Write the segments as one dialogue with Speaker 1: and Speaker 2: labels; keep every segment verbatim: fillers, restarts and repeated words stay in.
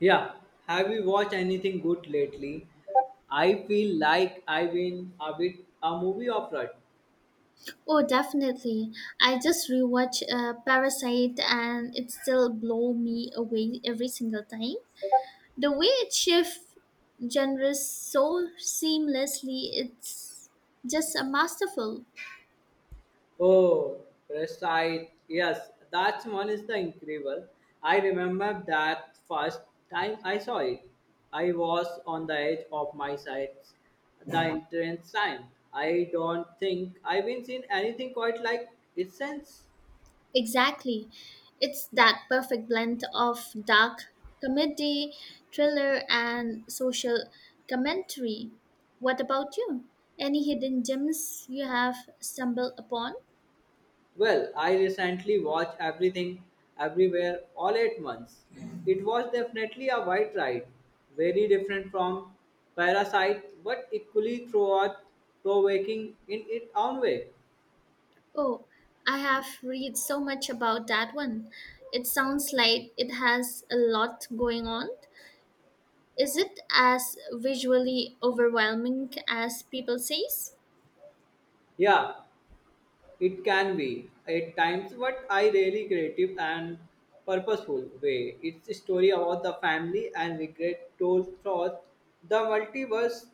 Speaker 1: Yeah, have you watched anything good lately? I feel like I've been a bit a movie of rut.
Speaker 2: Oh, definitely. I just rewatched uh, Parasite and it still blow me away every single time. The way it shifts genres so seamlessly, it's just a masterful.
Speaker 1: Oh, Parasite. Yes, that one is the incredible. I remember that first time I saw it. I was on the edge of my sides the entrance time. I don't think I've been seen anything quite like it since.
Speaker 2: Exactly. It's that perfect blend of dark comedy, thriller, and social commentary. What about you? Any hidden gems you have stumbled upon?
Speaker 1: Well, I recently watched everything, everywhere, all at once. It was definitely a white ride, very different from Parasite, but equally throughout provoking in its own way.
Speaker 2: Oh, I have read so much about that one. It sounds like it has a lot going on. Is it as visually overwhelming as people says?
Speaker 1: Yeah, it can be at times, but I really creative and purposeful way. It's a story about the family and regret told through the multiverse.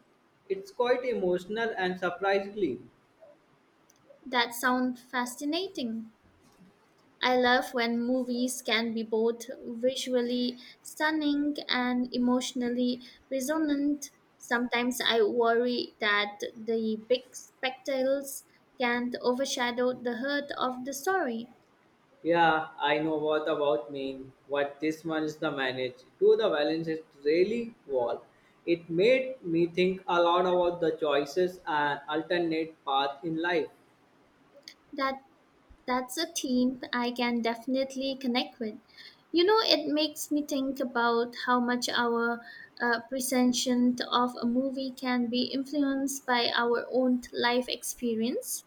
Speaker 1: It's quite emotional and surprisingly.
Speaker 2: That sounds fascinating. I love when movies can be both visually stunning and emotionally resonant. Sometimes I worry that the big spectacles can't overshadow the heart of the story.
Speaker 1: Yeah, I know what about mean. What this one's the manage. To the balance is really wall. It made me think a lot about the choices and alternate path in life.
Speaker 2: That That's a theme I can definitely connect with. You know, it makes me think about how much our uh, perception of a movie can be influenced by our own life experience.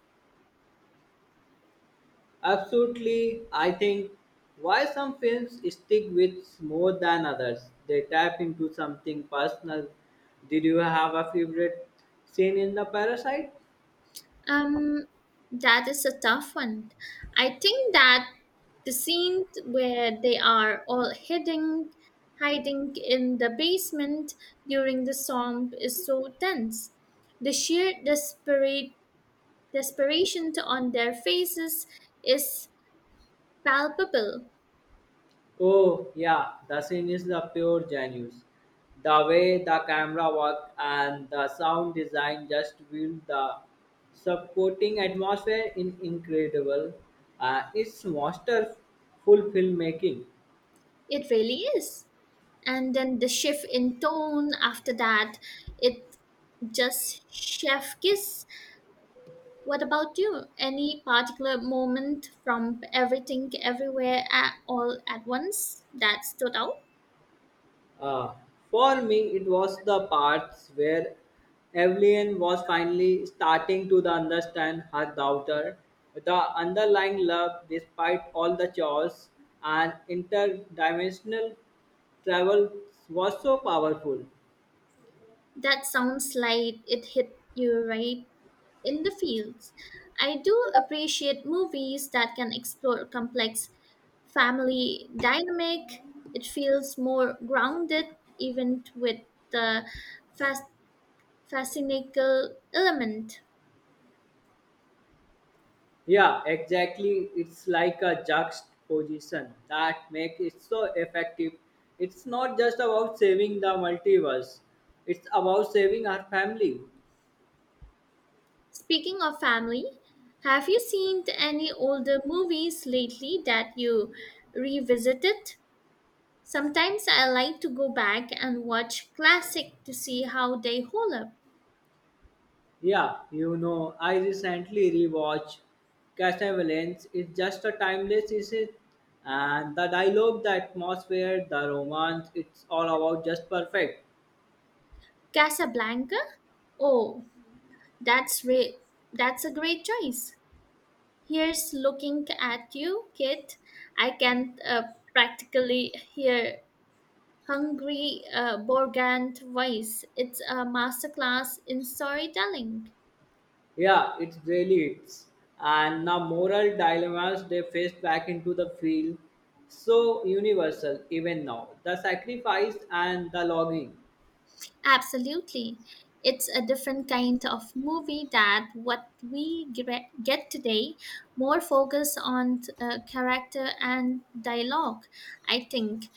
Speaker 1: Absolutely, I think why some films stick with more than others. They tap into something personal. Did you have a favorite scene in the Parasite?
Speaker 2: Um, that is a tough one. I think that the scene where they are all hiding, hiding in the basement during the storm is so tense. The sheer desperate Desperation on their faces is palpable.
Speaker 1: Oh yeah, the scene is the pure genius. The way the camera work and the sound design just build the supporting atmosphere in incredible. Uh, it's masterful filmmaking.
Speaker 2: It really is. And then the shift in tone after that, it just chef kiss. What about you? Any particular moment from everything, everywhere, at, all at once that stood out?
Speaker 1: Uh, for me, it was the parts where Evelyn was finally starting to the understand her daughter, the underlying love despite all the chores and interdimensional travel was so powerful.
Speaker 2: That sounds like it hit you right in the fields. I do appreciate movies that can explore complex family dynamic. It feels more grounded, even with the fast, fascinating element.
Speaker 1: Yeah, exactly. It's like a juxtaposition that makes it so effective. It's not just about saving the multiverse, it's about saving our family.
Speaker 2: Speaking of family, have you seen any older movies lately that you revisited? Sometimes I like to go back and watch classic to see how they hold up.
Speaker 1: Yeah, you know, I recently rewatched Castlevania. It's just a timeless is and the dialogue, the atmosphere, the romance, it's all about just perfect.
Speaker 2: Casablanca? Oh, That's re- that's a great choice. Here's looking at you, Kit. I can uh, practically hear hungry uh, Borgand voice. It's a masterclass in storytelling.
Speaker 1: Yeah, it's really it's and the moral dilemmas they faced back into the field so universal even now. The sacrifice and the longing.
Speaker 2: Absolutely. It's a different kind of movie that what we gre- get today, more focus on uh, character and dialogue, I think.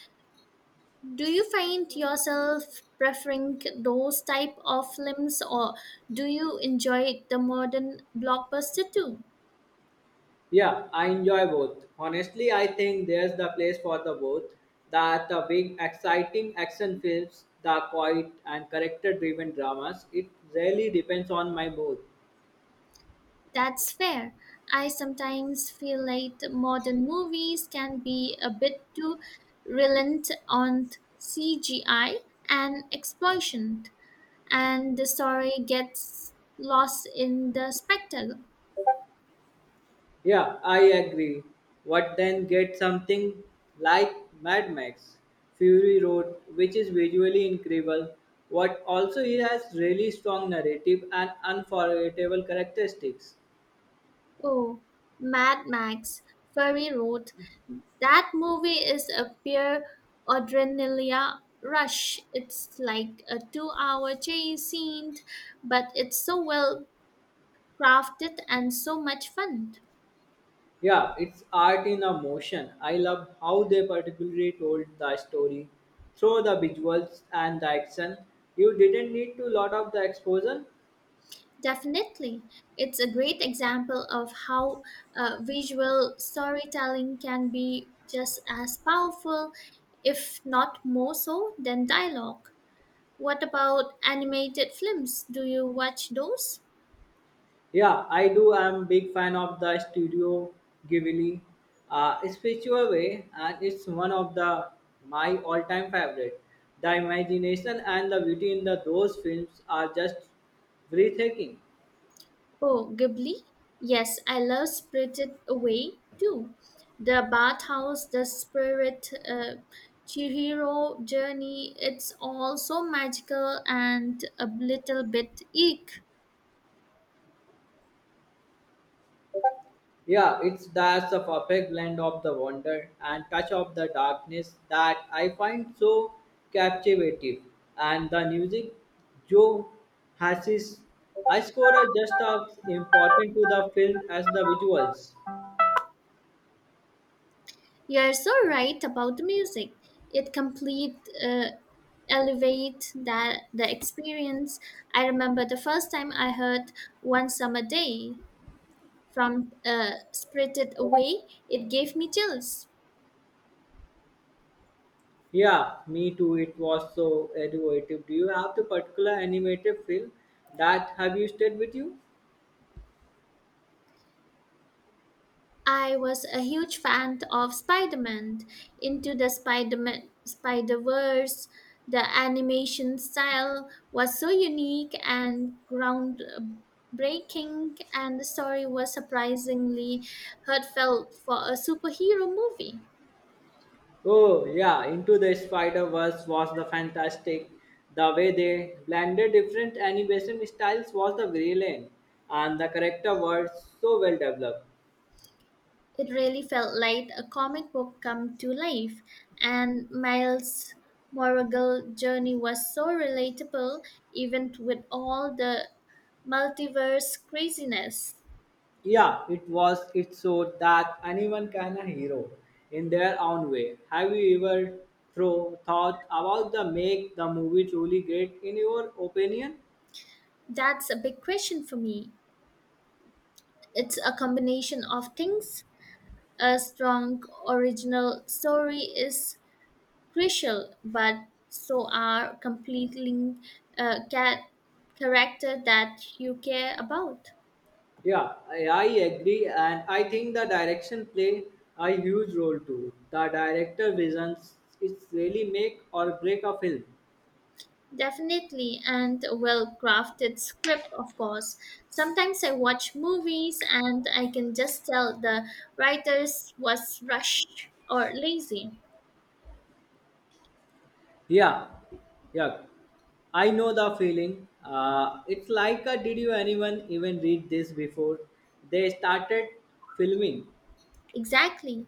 Speaker 2: Do you find yourself preferring those type of films or do you enjoy the modern blockbuster too?
Speaker 1: Yeah, I enjoy both. Honestly, I think there's the place for the both. That the big, exciting action films, the quiet and character-driven dramas, it really depends on my mood.
Speaker 2: That's fair. I sometimes feel like the modern movies can be a bit too reliant on C G I and explosion and the story gets lost in the spectacle.
Speaker 1: Yeah, I agree. What then get something like Mad Max, Fury Road, which is visually incredible, what also it has really strong narrative and unforgettable characteristics.
Speaker 2: Oh, Mad Max, Fury Road. That movie is a pure adrenaline rush. It's like a two hour chase scene, but it's so well crafted and so much fun.
Speaker 1: Yeah, it's art in a motion. I love how they particularly told the story through the visuals and the action. You didn't need to lot of the exposure.
Speaker 2: Definitely. It's a great example of how uh, visual storytelling can be just as powerful, if not more so, than dialogue. What about animated films? Do you watch those?
Speaker 1: Yeah, I do. I'm big fan of the studio Ghibli, uh, spiritual way, and it's one of the my all-time favorite. The imagination and the beauty in the those films are just breathtaking.
Speaker 2: Oh, Ghibli? Yes, I love Spirited Away too. The bathhouse, the spirit, uh, Chihiro journey, it's all so magical and a little bit eek.
Speaker 1: Yeah, it's that's a perfect blend of the wonder and touch of the darkness that I find so captivating. And the music, Joe has his I score are just as important to the film as the visuals.
Speaker 2: You're so right about the music. It complete uh, elevate that the experience. I remember the first time I heard One Summer Day from uh, Spirited Away, it gave me chills.
Speaker 1: Yeah, me too. It was so innovative. Do you have the particular animated film that have you stayed with you?
Speaker 2: I was a huge fan of Spider-Man, into the Spider-Man Spider-Verse. The animation style was so unique and groundbreaking, and the story was surprisingly heartfelt for a superhero movie.
Speaker 1: Oh yeah, Into the Spider-Verse was the fantastic. The way they blended different animation styles was the brilliant, and the character was so well developed.
Speaker 2: It really felt like a comic book come to life, and Miles' Morales' journey was so relatable, even with all the multiverse craziness.
Speaker 1: Yeah, it was. It showed that anyone can a hero in their own way. Have you ever throw thought about the make the movie truly great in your opinion?
Speaker 2: That's a big question for me. It's a combination of things. A strong original story is crucial, but so are completing uh, cat character that you care about.
Speaker 1: Yeah, I, I agree, and I think the direction play a huge role too. The director visions it's really make or break a film.
Speaker 2: Definitely, and a well crafted script, of course. Sometimes I watch movies and I can just tell the writers was rushed or lazy.
Speaker 1: Yeah, yeah, I know the feeling. Uh, it's like a, did you anyone even read this before? They started filming.
Speaker 2: Exactly.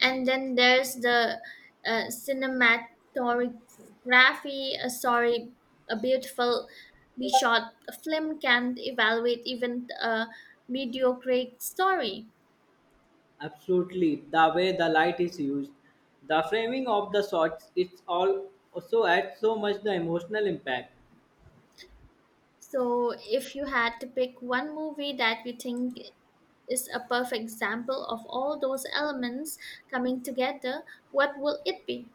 Speaker 2: And then there's the uh, cinematography. Uh, sorry, a beautiful be shot film can evaluate even a mediocre story.
Speaker 1: Absolutely, the way the light is used, the framing of the shots, it's all also adds so much the emotional impact.
Speaker 2: So if you had to pick one movie that you think is a perfect example of all those elements coming together, what will it be?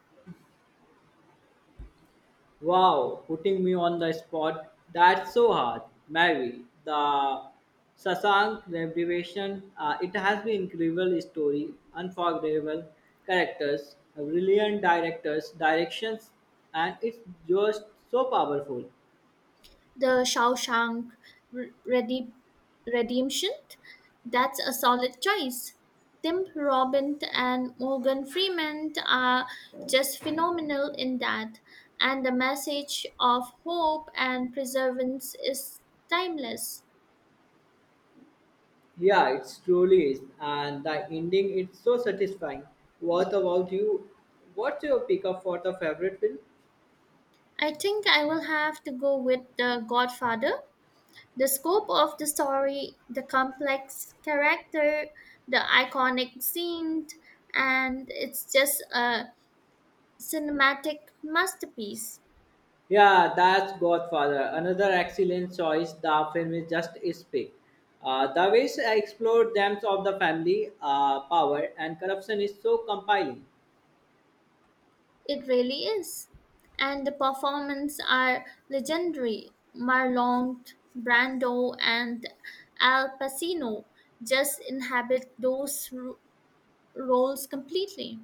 Speaker 1: Wow, putting me on the spot. That's so hard. Mary, the Sasank Revelation, uh, it has been incredible story, unforgettable characters, brilliant directors, directions, and it's just so powerful.
Speaker 2: The Shawshank Re- Rede- Redemption. That's a solid choice. Tim Robbins and Morgan Freeman are just phenomenal in that, and the message of hope and perseverance is timeless.
Speaker 1: Yeah, it truly is. And the ending, it's so satisfying. What about you? What's your pickup for the favorite film?
Speaker 2: I think I will have to go with The Godfather. The scope of the story, the complex character, the iconic scenes, and it's just a cinematic masterpiece.
Speaker 1: Yeah, that's Godfather. Another excellent choice. The film is just is big. Uh, the ways I explored themes of the family, uh, power, and corruption is so compelling.
Speaker 2: It really is. And the performances are legendary. Marlon Brando and Al Pacino just inhabit those ro- roles completely.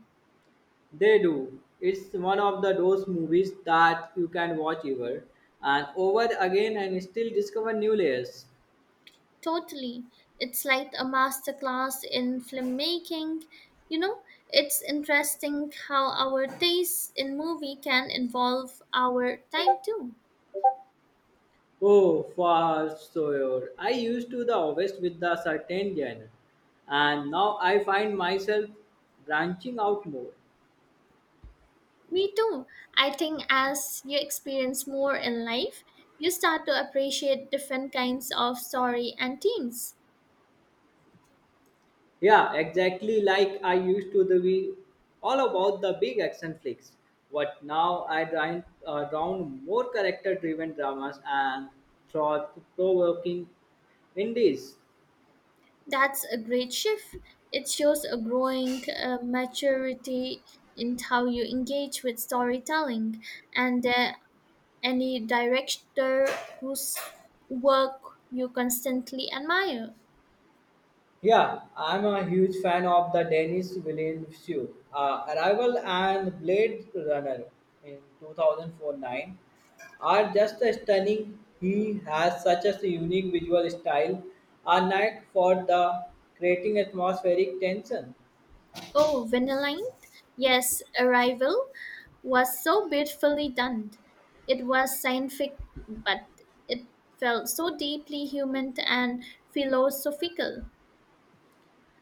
Speaker 1: They do. It's one of the those movies that you can watch ever and over again and still discover new layers.
Speaker 2: Totally. It's like a masterclass in filmmaking. You know, it's interesting how our taste in movie can involve our time too.
Speaker 1: Oh, for sure. I used to the always with the certain genre, and now I find myself branching out more.
Speaker 2: Me too. I think as you experience more in life, you start to appreciate different kinds of story and themes.
Speaker 1: Yeah, exactly like I used to the be all about the big action flicks. But now I round uh, round more character-driven dramas and thought-provoking indies.
Speaker 2: That's a great shift. It shows a growing uh, maturity in how you engage with storytelling and uh, any director whose work you constantly admire.
Speaker 1: Yeah, I'm a huge fan of the Denis Villeneuve uh, Arrival and Blade Runner in two thousand four-nine are just stunning. He has such a unique visual style, a knack for the creating atmospheric tension.
Speaker 2: Oh, Vanillin? Yes, Arrival was so beautifully done. It was scientific, but it felt so deeply human and philosophical.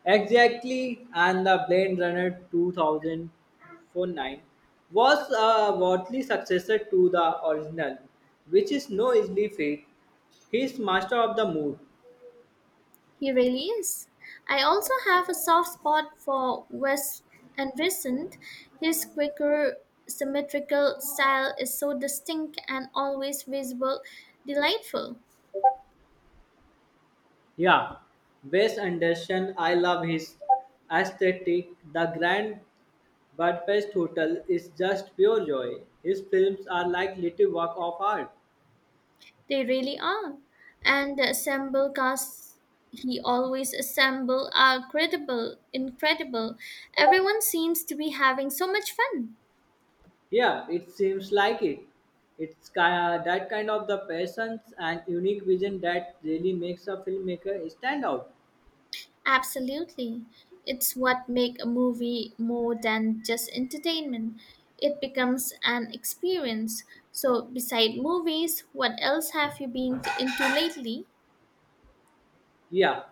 Speaker 1: Exactly, and the Blade Runner two thousand forty-nine was a worthy successor to the original, which is no easy feat. He's master of the mood.
Speaker 2: He really is. I also have a soft spot for Wes Anderson. His quicker, symmetrical style is so distinct and always visual, delightful.
Speaker 1: Yeah, Wes Anderson, I love his aesthetic. The Grand Budapest Hotel is just pure joy. His films are like little work of art.
Speaker 2: They really are. And the assemble casts he always assemble are credible, incredible. Everyone seems to be having so much fun.
Speaker 1: Yeah, it seems like it. It's ki- uh, that kind of the passions and unique vision that really makes a filmmaker stand out.
Speaker 2: Absolutely. It's what make a movie more than just entertainment. It becomes an experience. So beside movies, what else have you been into lately?
Speaker 1: Yeah,